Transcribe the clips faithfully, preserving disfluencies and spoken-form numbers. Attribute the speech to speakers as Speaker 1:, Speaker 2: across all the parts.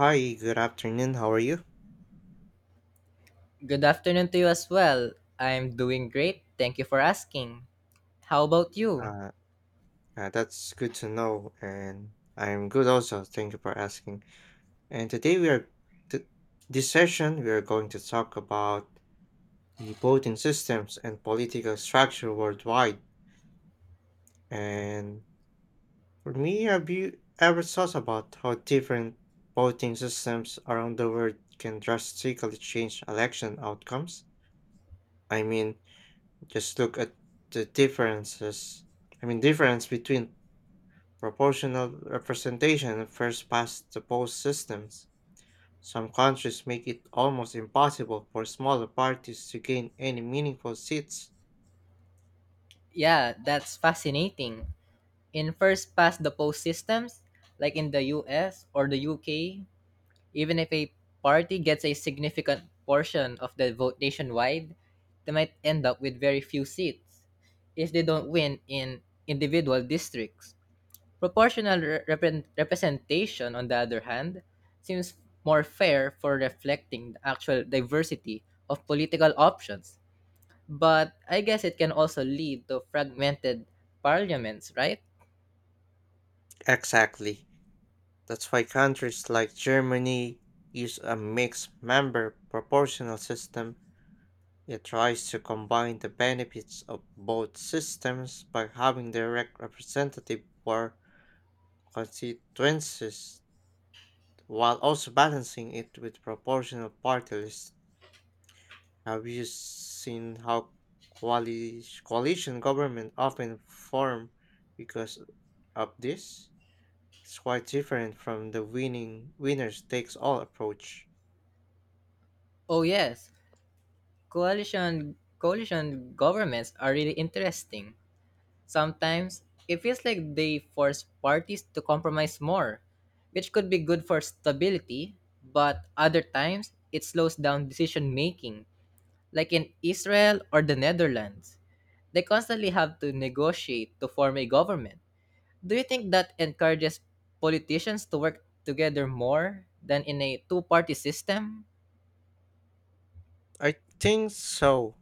Speaker 1: Hi, good afternoon. How are you?
Speaker 2: Good afternoon to you as well. I'm doing great. Thank you for asking. How about you?
Speaker 1: Uh, uh, that's good to know, and I'm good also. Thank you for asking. And today we are, th this session, we are going to talk about the voting systems and political structure worldwide. And for me, have you ever thought about how different voting systems around the world can drastically change election outcomes? I mean, just look at the differences. I mean, difference between proportional representation first past the post systems. Some countries make it almost impossible for smaller parties to gain any meaningful seats.
Speaker 2: Yeah, that's fascinating. In first past the post systems, like in the U S or the U K, even if a party gets a significant portion of the vote nationwide, they might end up with very few seats if they don't win in individual districts. Proportional re- repre- representation, on the other hand, seems more fair for reflecting the actual diversity of political options. But I guess it can also lead to fragmented parliaments, right?
Speaker 1: Exactly. That's why countries like Germany use a mixed member proportional system. It tries to combine the benefits of both systems by having direct representative for constituencies while also balancing it with proportional party lists. Have you seen how coali- coalition government often form because of this? It's quite different from the winning winners takes all approach.
Speaker 2: Oh yes, coalition coalition governments are really interesting. Sometimes it feels like they force parties to compromise more, which could be good for stability, but other times it slows down decision making. Like in Israel or the Netherlands, they constantly have to negotiate to form a government. Do you think that encourages politicians to work together more than in a two party system?
Speaker 1: I think so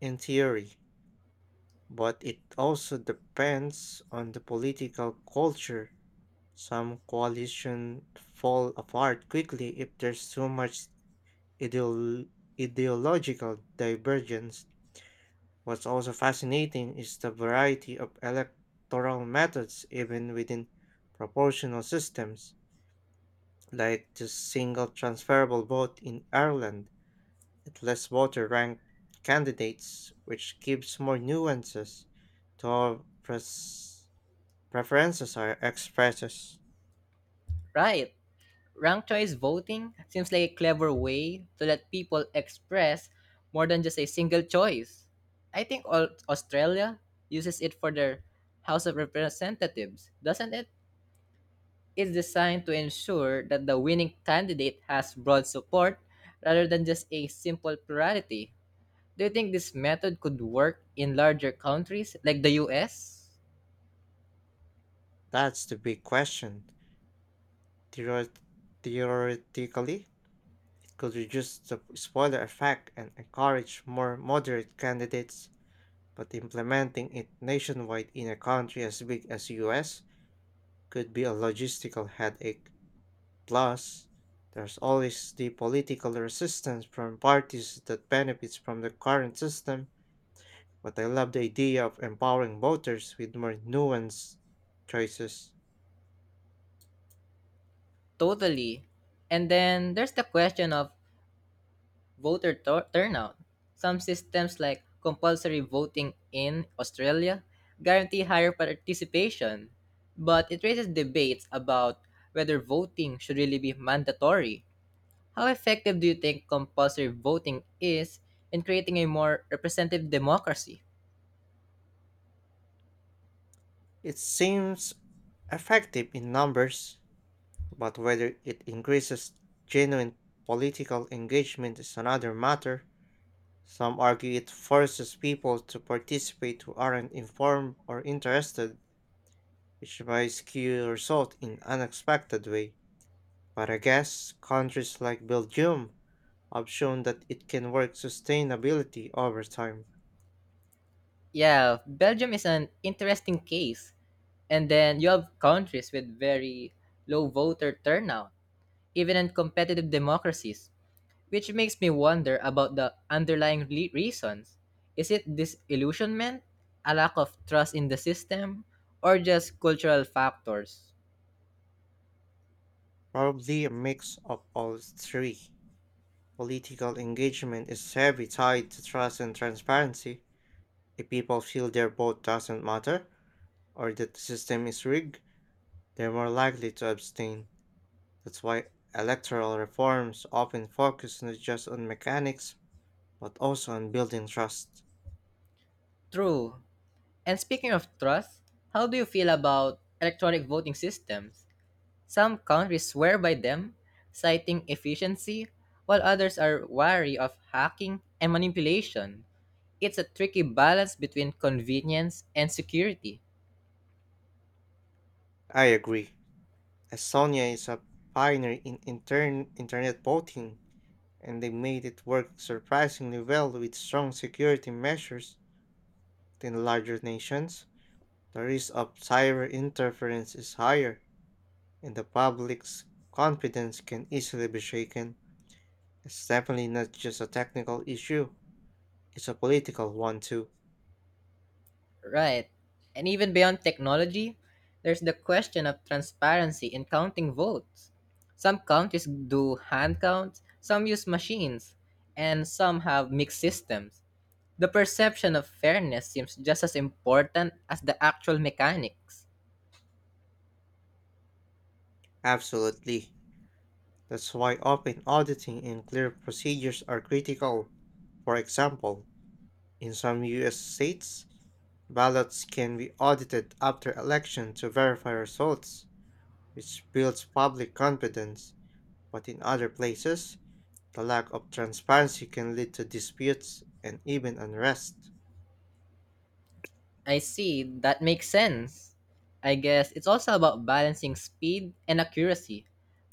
Speaker 1: in theory, but it also depends on the political culture. Some coalition fall apart quickly if there's too much ideol- ideological divergence. What's also fascinating is the variety of electoral methods even within proportional systems, like the single transferable vote in Ireland that lets voter rank candidates, which gives more nuances to how pres- preferences are expressed.
Speaker 2: Right. Ranked choice voting seems like a clever way to let people express more than just a single choice. I think all Australia uses it for their House of Representatives, doesn't it? Is designed to ensure that the winning candidate has broad support rather than just a simple plurality. Do you think this method could work in larger countries like the U S?
Speaker 1: That's the big question. Theoret- Theoretically, it could reduce the spoiler effect and encourage more moderate candidates, but implementing it nationwide in a country as big as U S could be a logistical headache. Plus, there's always the political resistance from parties that benefits from the current system, but I love the idea of empowering voters with more nuanced choices.
Speaker 2: Totally. And then there's the question of voter tur- turnout. Some systems like compulsory voting in Australia guarantee higher participation, but it raises debates about whether voting should really be mandatory. How effective do you think compulsory voting is in creating a more representative democracy?
Speaker 1: It seems effective in numbers, but whether it increases genuine political engagement is another matter. Some argue it forces people to participate who aren't informed or interested, which may skew result in unexpected way. But I guess countries like Belgium have shown that it can work sustainability over time.
Speaker 2: Yeah, Belgium is an interesting case. And then you have countries with very low voter turnout, even in competitive democracies, which makes me wonder about the underlying le- reasons. Is it disillusionment, a lack of trust in the system, or just cultural factors?
Speaker 1: Probably a mix of all three. Political engagement is heavily tied to trust and transparency. If people feel their vote doesn't matter or that the system is rigged, they're more likely to abstain. That's why electoral reforms often focus not just on mechanics, but also on building trust.
Speaker 2: True. And speaking of trust, how do you feel about electronic voting systems? Some countries swear by them, citing efficiency, while others are wary of hacking and manipulation. It's a tricky balance between convenience and security.
Speaker 1: I agree. Estonia is a pioneer in intern- internet voting, and they made it work surprisingly well with strong security measures. In larger nations, the risk of cyber interference is higher, and the public's confidence can easily be shaken. It's definitely not just a technical issue, it's a political one too.
Speaker 2: Right. And even beyond technology, there's the question of transparency in counting votes. Some countries do hand counts, some use machines, and some have mixed systems. The perception of fairness seems just as important as the actual mechanics.
Speaker 1: Absolutely. That's why open auditing and clear procedures are critical. For example, in some U S states, ballots can be audited after election to verify results, which builds public confidence. But in other places, the lack of transparency can lead to disputes and even unrest.
Speaker 2: I see, that makes sense. I guess it's also about balancing speed and accuracy.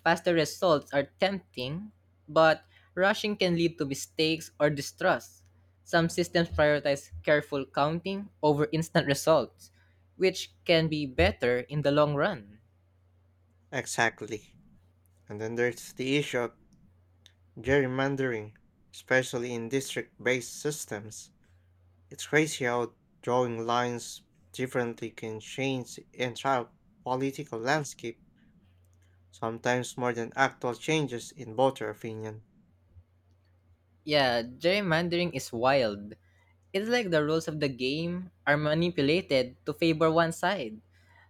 Speaker 2: Faster results are tempting, but rushing can lead to mistakes or distrust. Some systems prioritize careful counting over instant results, which can be better in the long run.
Speaker 1: Exactly. And then there's the issue of gerrymandering, especially in district based systems. It's crazy how drawing lines differently can change the entire political landscape, sometimes more than actual changes in voter opinion.
Speaker 2: Yeah, gerrymandering is wild. It's like the rules of the game are manipulated to favor one side.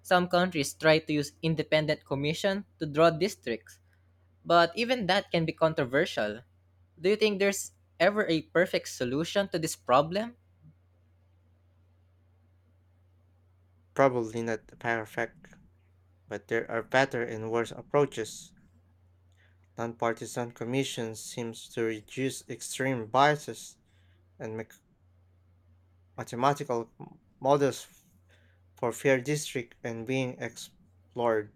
Speaker 2: Some countries try to use independent commission to draw districts, but even that can be controversial. Do you think there's ever a perfect solution to this problem?
Speaker 1: Probably not perfect, but there are better and worse approaches. Nonpartisan commissions seems to reduce extreme biases and make mathematical m- models for fair district and being explored.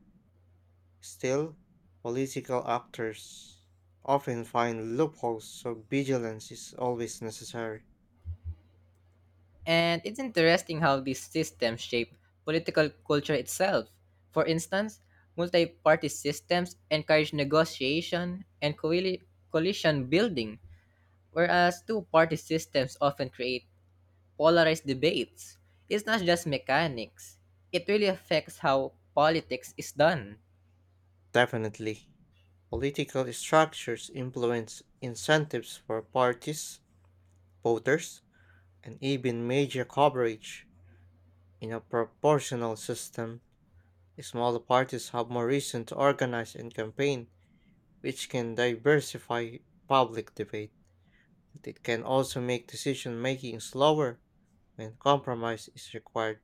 Speaker 1: Still, political actors often find loopholes, so vigilance is always necessary.
Speaker 2: And it's interesting how these systems shape political culture itself. For instance, multi party systems encourage negotiation and coali- coalition building, whereas two party systems often create polarized debates. It's not just mechanics. It really affects how politics is done.
Speaker 1: Definitely, political structures influence incentives for parties, voters, and even media coverage. In a proportional system, smaller parties have more reason to organize and campaign, which can diversify public debate. But it can also make decision making slower when compromise is required.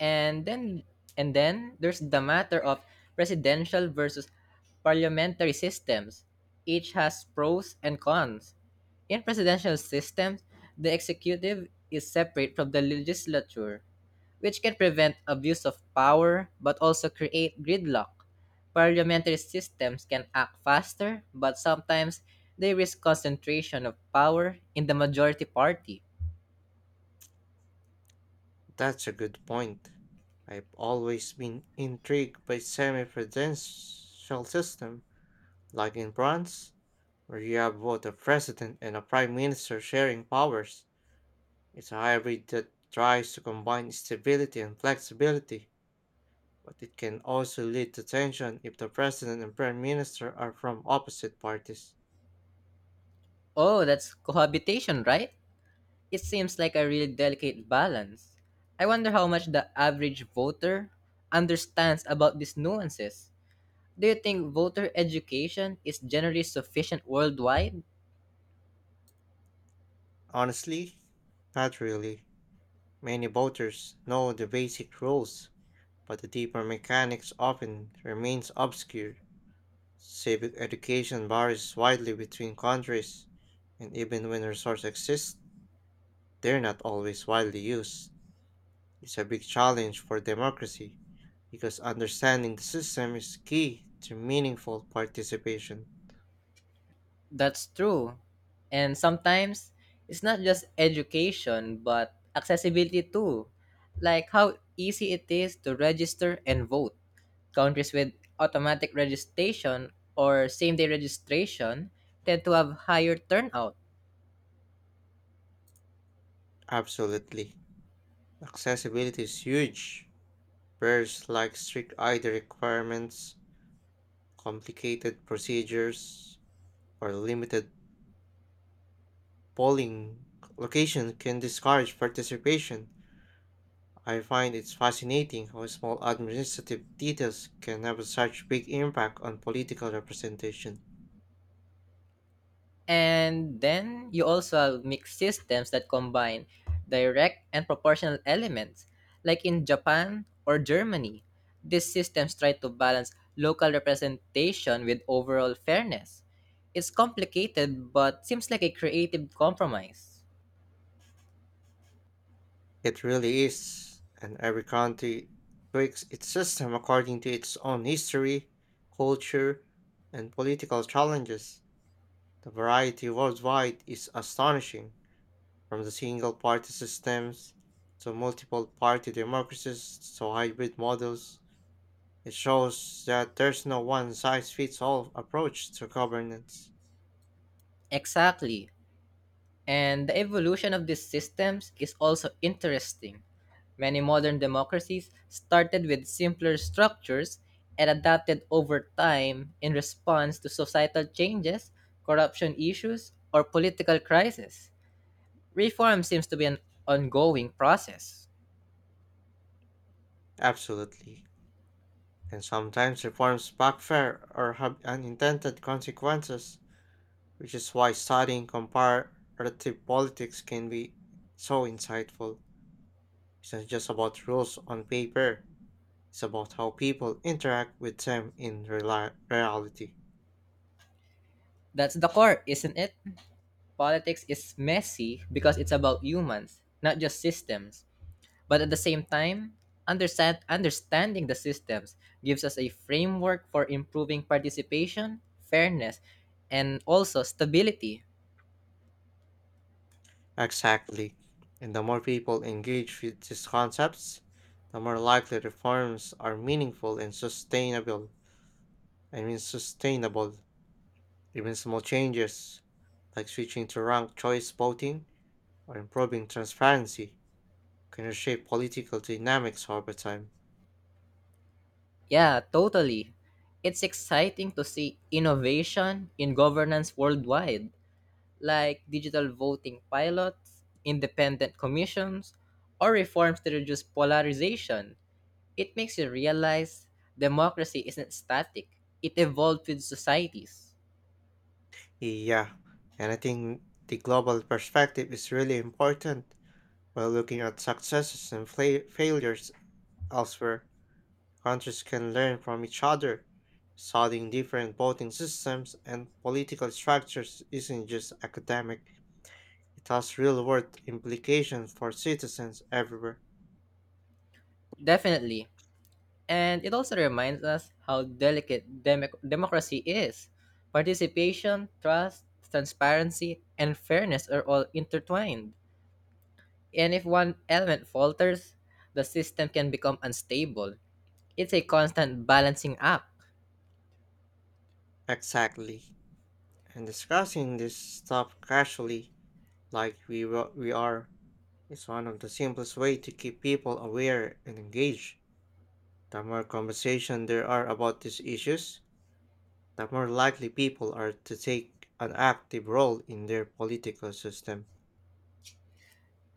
Speaker 2: and then and then there's the matter of presidential versus parliamentary systems. Each has pros and cons. In presidential systems, the executive is separate from the legislature, which can prevent abuse of power but also create gridlock. Parliamentary systems can act faster, but sometimes they risk concentration of power in the majority party.
Speaker 1: That's a good point. I've always been intrigued by semi-presidential system, like in France, where you have both a president and a prime minister sharing powers. It's a hybrid that tries to combine stability and flexibility, but it can also lead to tension if the president and prime minister are from opposite parties.
Speaker 2: Oh, that's cohabitation, right? It seems like a really delicate balance. I wonder how much the average voter understands about these nuances. Do you think voter education is generally sufficient worldwide?
Speaker 1: Honestly, not really. Many voters know the basic rules, but the deeper mechanics often remains obscure. Civic education varies widely between countries, and even when resources exist, they're not always widely used. It's a big challenge for democracy because understanding the system is key to meaningful participation.
Speaker 2: That's true. And sometimes it's not just education, but accessibility too. Like how easy it is to register and vote. Countries with automatic registration or same day registration tend to have higher turnout.
Speaker 1: Absolutely. Accessibility is huge. Barriers like strict I D requirements, complicated procedures, or limited polling location can discourage participation. I find it's fascinating how small administrative details can have such big impact on political representation.
Speaker 2: And then you also have mixed systems that combine direct and proportional elements. Like in Japan or Germany, these systems try to balance local representation with overall fairness. It's complicated but seems like a creative compromise.
Speaker 1: It really is, and every country tweaks its system according to its own history, culture, and political challenges. The variety worldwide is astonishing, from the single party systems to multiple party democracies to hybrid models. It shows that there's no one size fits all approach to governance.
Speaker 2: Exactly. And the evolution of these systems is also interesting. Many modern democracies started with simpler structures and adapted over time in response to societal changes, corruption issues, or political crises. Reform seems to be an ongoing process.
Speaker 1: Absolutely. And sometimes reforms backfire or have unintended consequences, which is why studying comparative politics can be so insightful. It's not just about rules on paper, it's about how people interact with them in reali- reality.
Speaker 2: That's the core, isn't it? Politics is messy because it's about humans, not just systems. But at the same time, understand, understanding the systems gives us a framework for improving participation, fairness, and also stability.
Speaker 1: Exactly. And the more people engage with these concepts, the more likely reforms are meaningful and sustainable. I mean, sustainable. Even small changes, like switching to ranked choice voting or improving transparency, can reshape political dynamics over time.
Speaker 2: Yeah, totally. It's exciting to see innovation in governance worldwide, like digital voting pilots, independent commissions, or reforms to reduce polarization. It makes you realize democracy isn't static, it evolves with societies.
Speaker 1: Yeah, and I think the global perspective is really important while looking at successes and fla- failures elsewhere. Countries can learn from each other. Studying different voting systems and political structures isn't just academic, it has real world implications for citizens everywhere.
Speaker 2: Definitely. And it also reminds us how delicate demic democracy is. Participation, trust, transparency, and fairness are all intertwined. And if one element falters, the system can become unstable. It's a constant balancing act.
Speaker 1: Exactly. And discussing this stuff casually, like we, wa- we are, is one of the simplest way to keep people aware and engaged. The more conversation there are about these issues, the more likely people are to take an active role in their political system.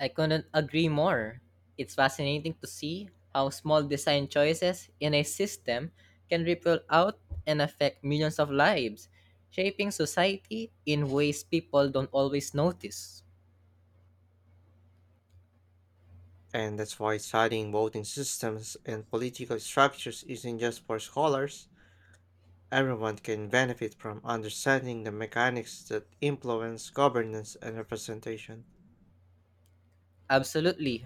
Speaker 2: I couldn't agree more. It's fascinating to see how small design choices in a system can ripple out and affect millions of lives, shaping society in ways people don't always notice.
Speaker 1: And that's why studying voting systems and political structures isn't just for scholars. Everyone can benefit from understanding the mechanics that influence governance and representation.
Speaker 2: Absolutely.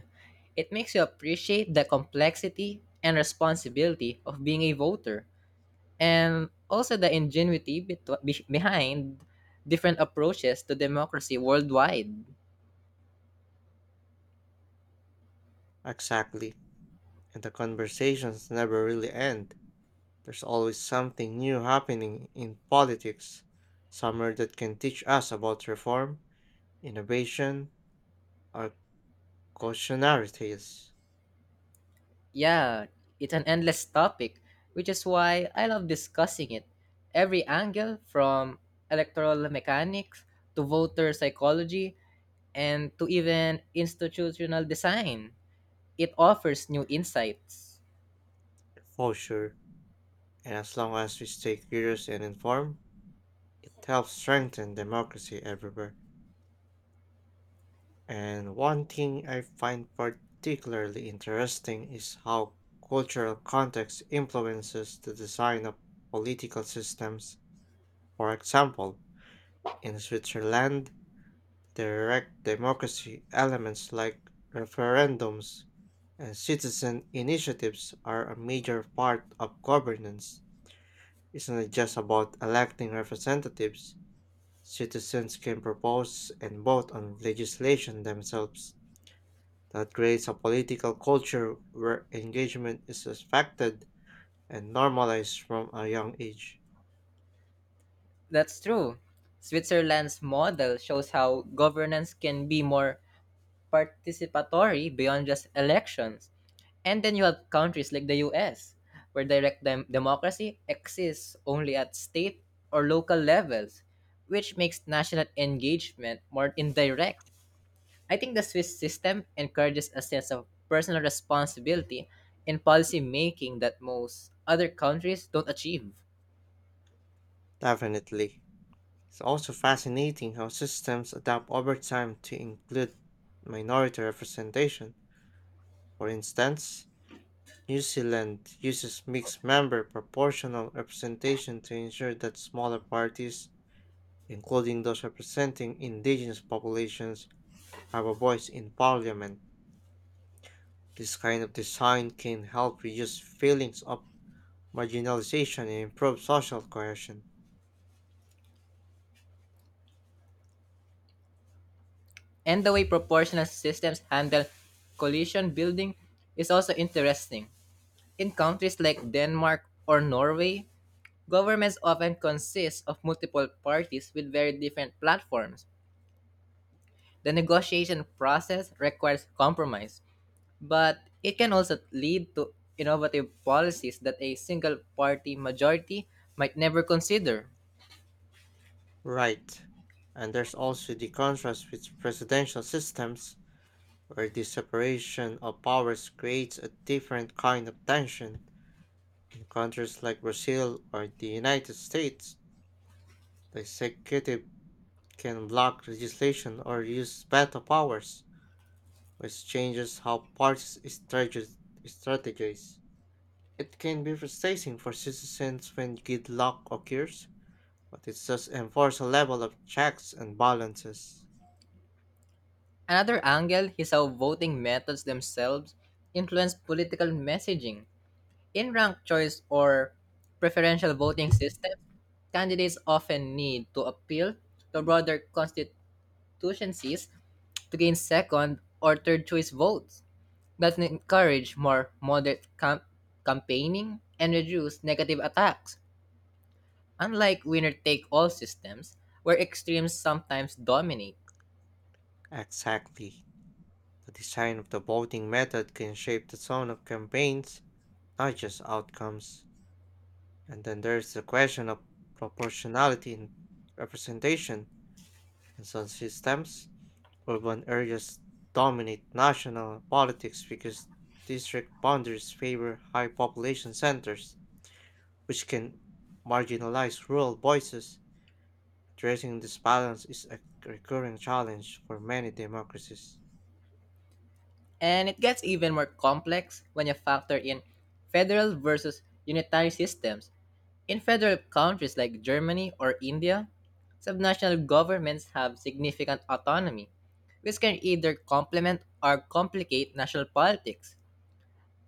Speaker 2: It makes you appreciate the complexity and responsibility of being a voter, and also the ingenuity betw- be- behind different approaches to democracy worldwide.
Speaker 1: Exactly. And the conversations never really end. There's always something new happening in politics, somewhere that can teach us about reform, innovation, or cautionarities,
Speaker 2: Yeah, it's an endless topic, which is why I love discussing it. Every angle, from electoral mechanics to voter psychology and to even institutional design, it offers new insights.
Speaker 1: for sure. And as long as we stay curious and informed, it helps strengthen democracy everywhere. And one thing I find particularly interesting is how cultural context influences the design of political systems. For example, in Switzerland, direct democracy elements like referendums and citizen initiatives are a major part of governance. It's not just about electing representatives. Citizens can propose and vote on legislation themselves. That creates a political culture where engagement is expected and normalized from a young age.
Speaker 2: That's true. Switzerland's model shows how governance can be more participatory beyond just elections. And then you have countries like the U S, where direct dem- democracy exists only at state or local levels, which makes national engagement more indirect. I think the Swiss system encourages a sense of personal responsibility in policy making that most other countries don't achieve.
Speaker 1: Definitely. It's also fascinating how systems adapt over time to include minority representation. For instance, New Zealand uses mixed member proportional representation to ensure that smaller parties, including those representing indigenous populations, have a voice in parliament. This kind of design can help reduce feelings of marginalization and improve social cohesion.
Speaker 2: And the way proportional systems handle coalition building is also interesting. In countries like Denmark or Norway, governments often consist of multiple parties with very different platforms. The negotiation process requires compromise, but it can also lead to innovative policies that a single party majority might never consider.
Speaker 1: Right. And there's also the contrast with presidential systems, where the separation of powers creates a different kind of tension. In countries like Brazil or the United States, the executive can block legislation or use veto powers, which changes how parties strate- strategize. It can be frustrating for citizens when gridlock occurs, but it does enforce a level of checks and balances.
Speaker 2: Another angle is how voting methods themselves influence political messaging. In ranked choice or preferential voting systems, candidates often need to appeal to broader constituencies to gain second or third choice votes that encourage more moderate cam- campaigning and reduce negative attacks. Unlike winner take all systems, where extremes sometimes dominate.
Speaker 1: Exactly. The design of the voting method can shape the tone of campaigns digest outcomes. And then there's the question of proportionality in representation. In some systems, urban areas dominate national politics because district boundaries favor high population centers, which can marginalize rural voices. Addressing this balance is a recurring challenge for many democracies.
Speaker 2: And it gets even more complex when you factor in federal versus unitary systems. In federal countries like Germany or India, subnational governments have significant autonomy, which can either complement or complicate national politics.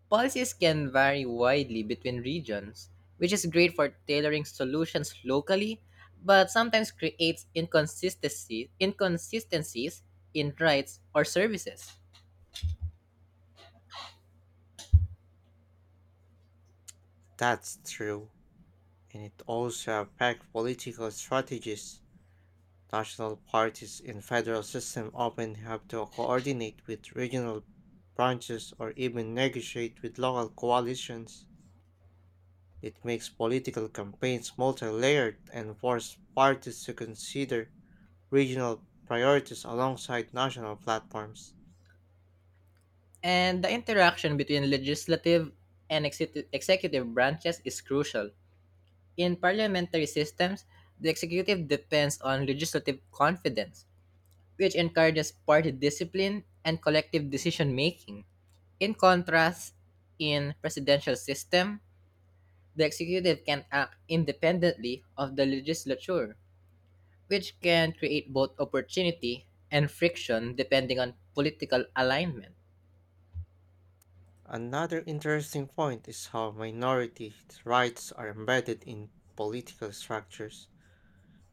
Speaker 2: Policies can vary widely between regions, which is great for tailoring solutions locally, but sometimes creates inconsistency, inconsistencies in rights or services.
Speaker 1: That's true, and it also affects political strategies. National parties in federal system often have to coordinate with regional branches or even negotiate with local coalitions. It makes political campaigns multi-layered and forces parties to consider regional priorities alongside national platforms.
Speaker 2: And the interaction between legislative and execu- executive branches is crucial. In parliamentary systems, the executive depends on legislative confidence, which encourages party discipline and collective decision making. In contrast, in presidential system, the executive can act independently of the legislature, which can create both opportunity and friction depending on political alignment.
Speaker 1: Another interesting point is how minority rights are embedded in political structures.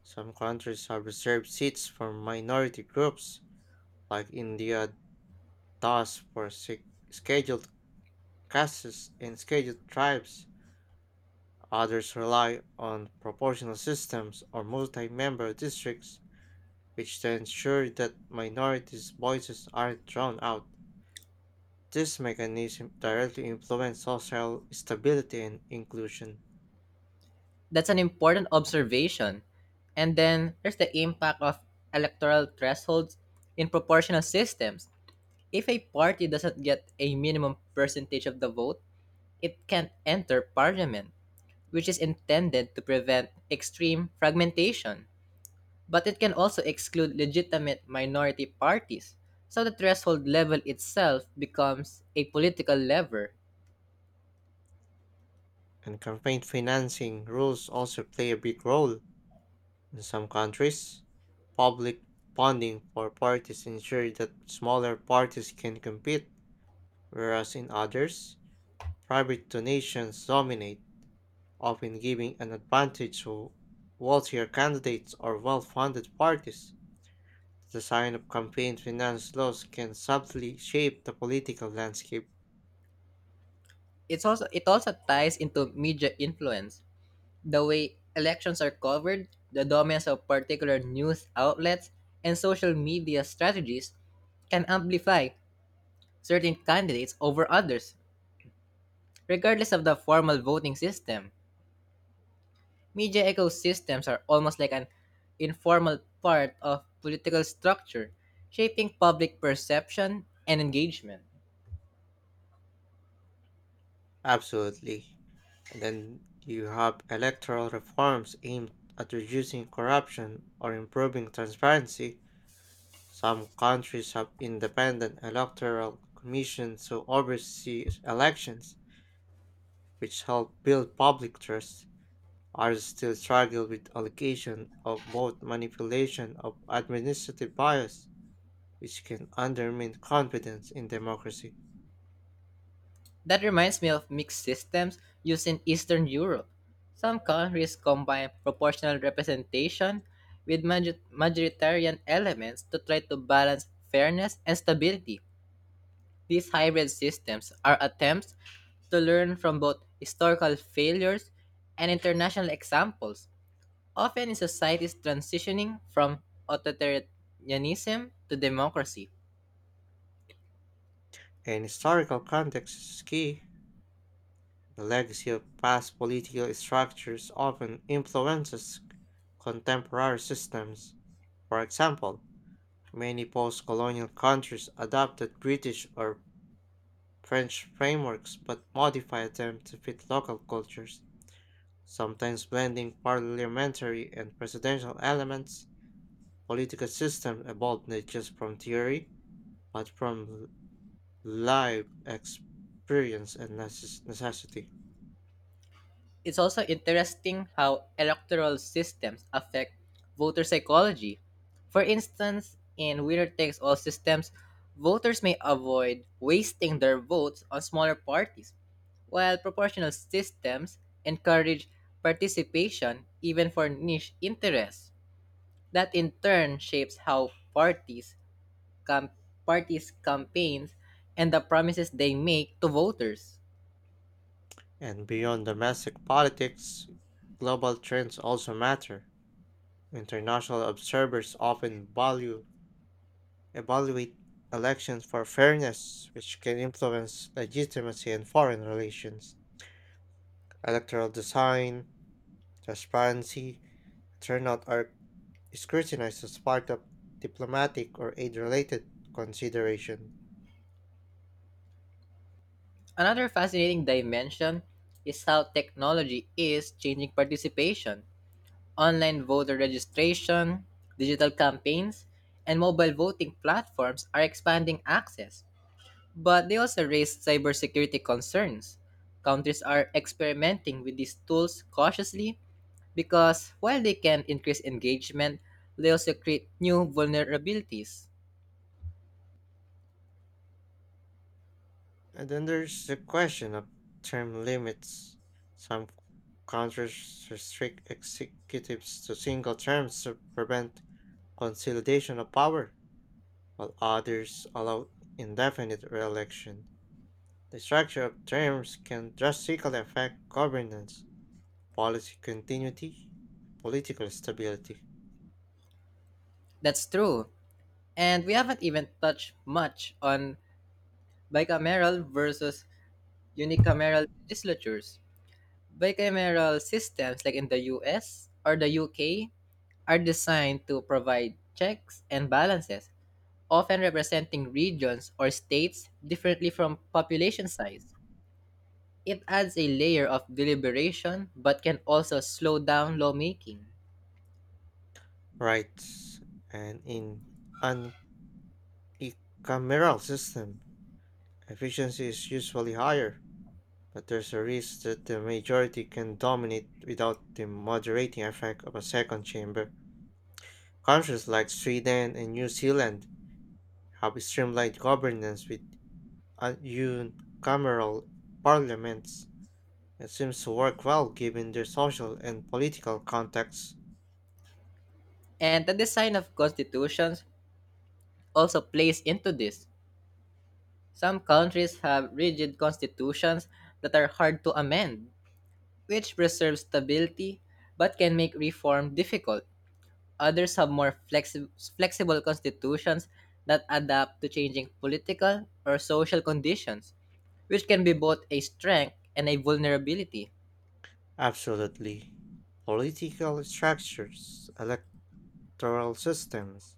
Speaker 1: Some countries have reserved seats for minority groups, like India. Thus, for sec- scheduled castes and scheduled tribes, others rely on proportional systems or multi member districts, which then ensure that minorities' voices aren't drowned out. This mechanism directly influences social stability and inclusion,
Speaker 2: That's an important observation. And then there's the impact of electoral thresholds in proportional systems. If a party doesn't get a minimum percentage of the vote, it can't enter parliament, which is intended to prevent extreme fragmentation. But it can also exclude legitimate minority parties, so the threshold level itself becomes a political lever.
Speaker 1: and campaign financing rules also play a big role. In some countries, public funding for parties ensure that smaller parties can compete, whereas in others, private donations dominate, often giving an advantage to wealthier candidates or well funded parties. The design of campaign finance laws can subtly shape the political landscape.
Speaker 2: It's also it also ties into media influence. The way elections are covered, the dominance of particular news outlets, and social media strategies can amplify certain candidates over others, regardless of the formal voting system. Media ecosystems are almost like an informal part of political structure, shaping public perception and engagement.
Speaker 1: Absolutely. And then you have electoral reforms aimed at reducing corruption or improving transparency. Some countries have independent electoral commissions to oversee elections, which help build public trust. Are still struggle with allocation of both manipulation of administrative bias, which can undermine confidence in democracy.
Speaker 2: That reminds me of mixed systems used in Eastern Europe. Some countries combine proportional representation with maju- majoritarian elements to try to balance fairness and stability. These hybrid systems are attempts to learn from both historical failures and international examples, often in societies transitioning from authoritarianism to democracy.
Speaker 1: And historical context is key. The legacy of past political structures often influences contemporary systems. For example, many post colonial countries adopted British or French frameworks but modified them to fit local cultures, sometimes blending parliamentary and presidential elements. Political systems evolve not just from theory, but from live experience and necess- necessity.
Speaker 2: It's also interesting how electoral systems affect voter psychology. For instance, in winner takes all systems, voters may avoid wasting their votes on smaller parties, while proportional systems encourage participation even for niche interests. That in turn shapes how parties, cam- parties campaigns and the promises they make to voters.
Speaker 1: And beyond domestic politics, global trends also matter. International observers often value evaluate elections for fairness, which can influence legitimacy in foreign relations. Electoral design, transparency, turnout are scrutinized as part of diplomatic or aid related consideration.
Speaker 2: Another fascinating dimension is how technology is changing participation. Online voter registration, digital campaigns, and mobile voting platforms are expanding access, but they also raise cybersecurity concerns. Countries are experimenting with these tools cautiously because while they can increase engagement, they also create new vulnerabilities.
Speaker 1: And then there's the question of term limits. Some countries restrict executives to single terms to prevent consolidation of power, while others allow indefinite re-election. The structure of terms can drastically affect governance, policy continuity, political stability,
Speaker 2: That's true. And we haven't even touched much on bicameral versus unicameral legislatures. Bicameral systems, like in the U S or the U K, are designed to provide checks and balances, often representing regions or states differently from population size. It adds a layer of deliberation but can also slow down lawmaking.
Speaker 1: rights, and in a cameral system efficiency is usually higher, but there's a risk that the majority can dominate without the moderating effect of a second chamber. Countries like Sweden and New Zealand have streamlined governance with unicameral parliaments. It seems to work well given their social and political context.
Speaker 2: And the design of constitutions also plays into this. Some countries have rigid constitutions that are hard to amend, which preserves stability but can make reform difficult. Others have more flexi- flexible constitutions that adapt to changing political or social conditions, which can be both a strength and a vulnerability.
Speaker 1: Absolutely. Political structures, electoral systems,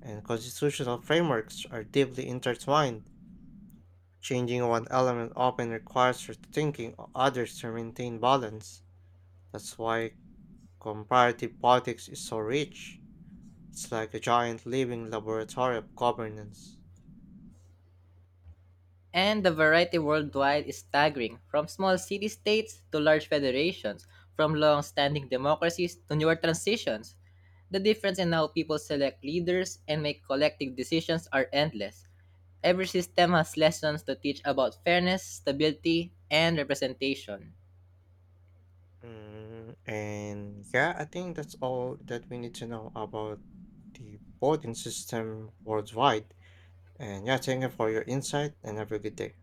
Speaker 1: and constitutional frameworks are deeply intertwined. Changing one element often requires rethinking o- others to maintain balance. That's why comparative politics is so rich. It's like a giant living laboratory of governance.
Speaker 2: And the variety worldwide is staggering, from small city states to large federations, from long standing democracies to newer transitions. The difference in how people select leaders and make collective decisions are endless. Every system has lessons to teach about fairness, stability, and representation.
Speaker 1: Mm, and yeah, I think that's all that we need to know about the voting system worldwide. And yeah, thank you for your insight and have a good day.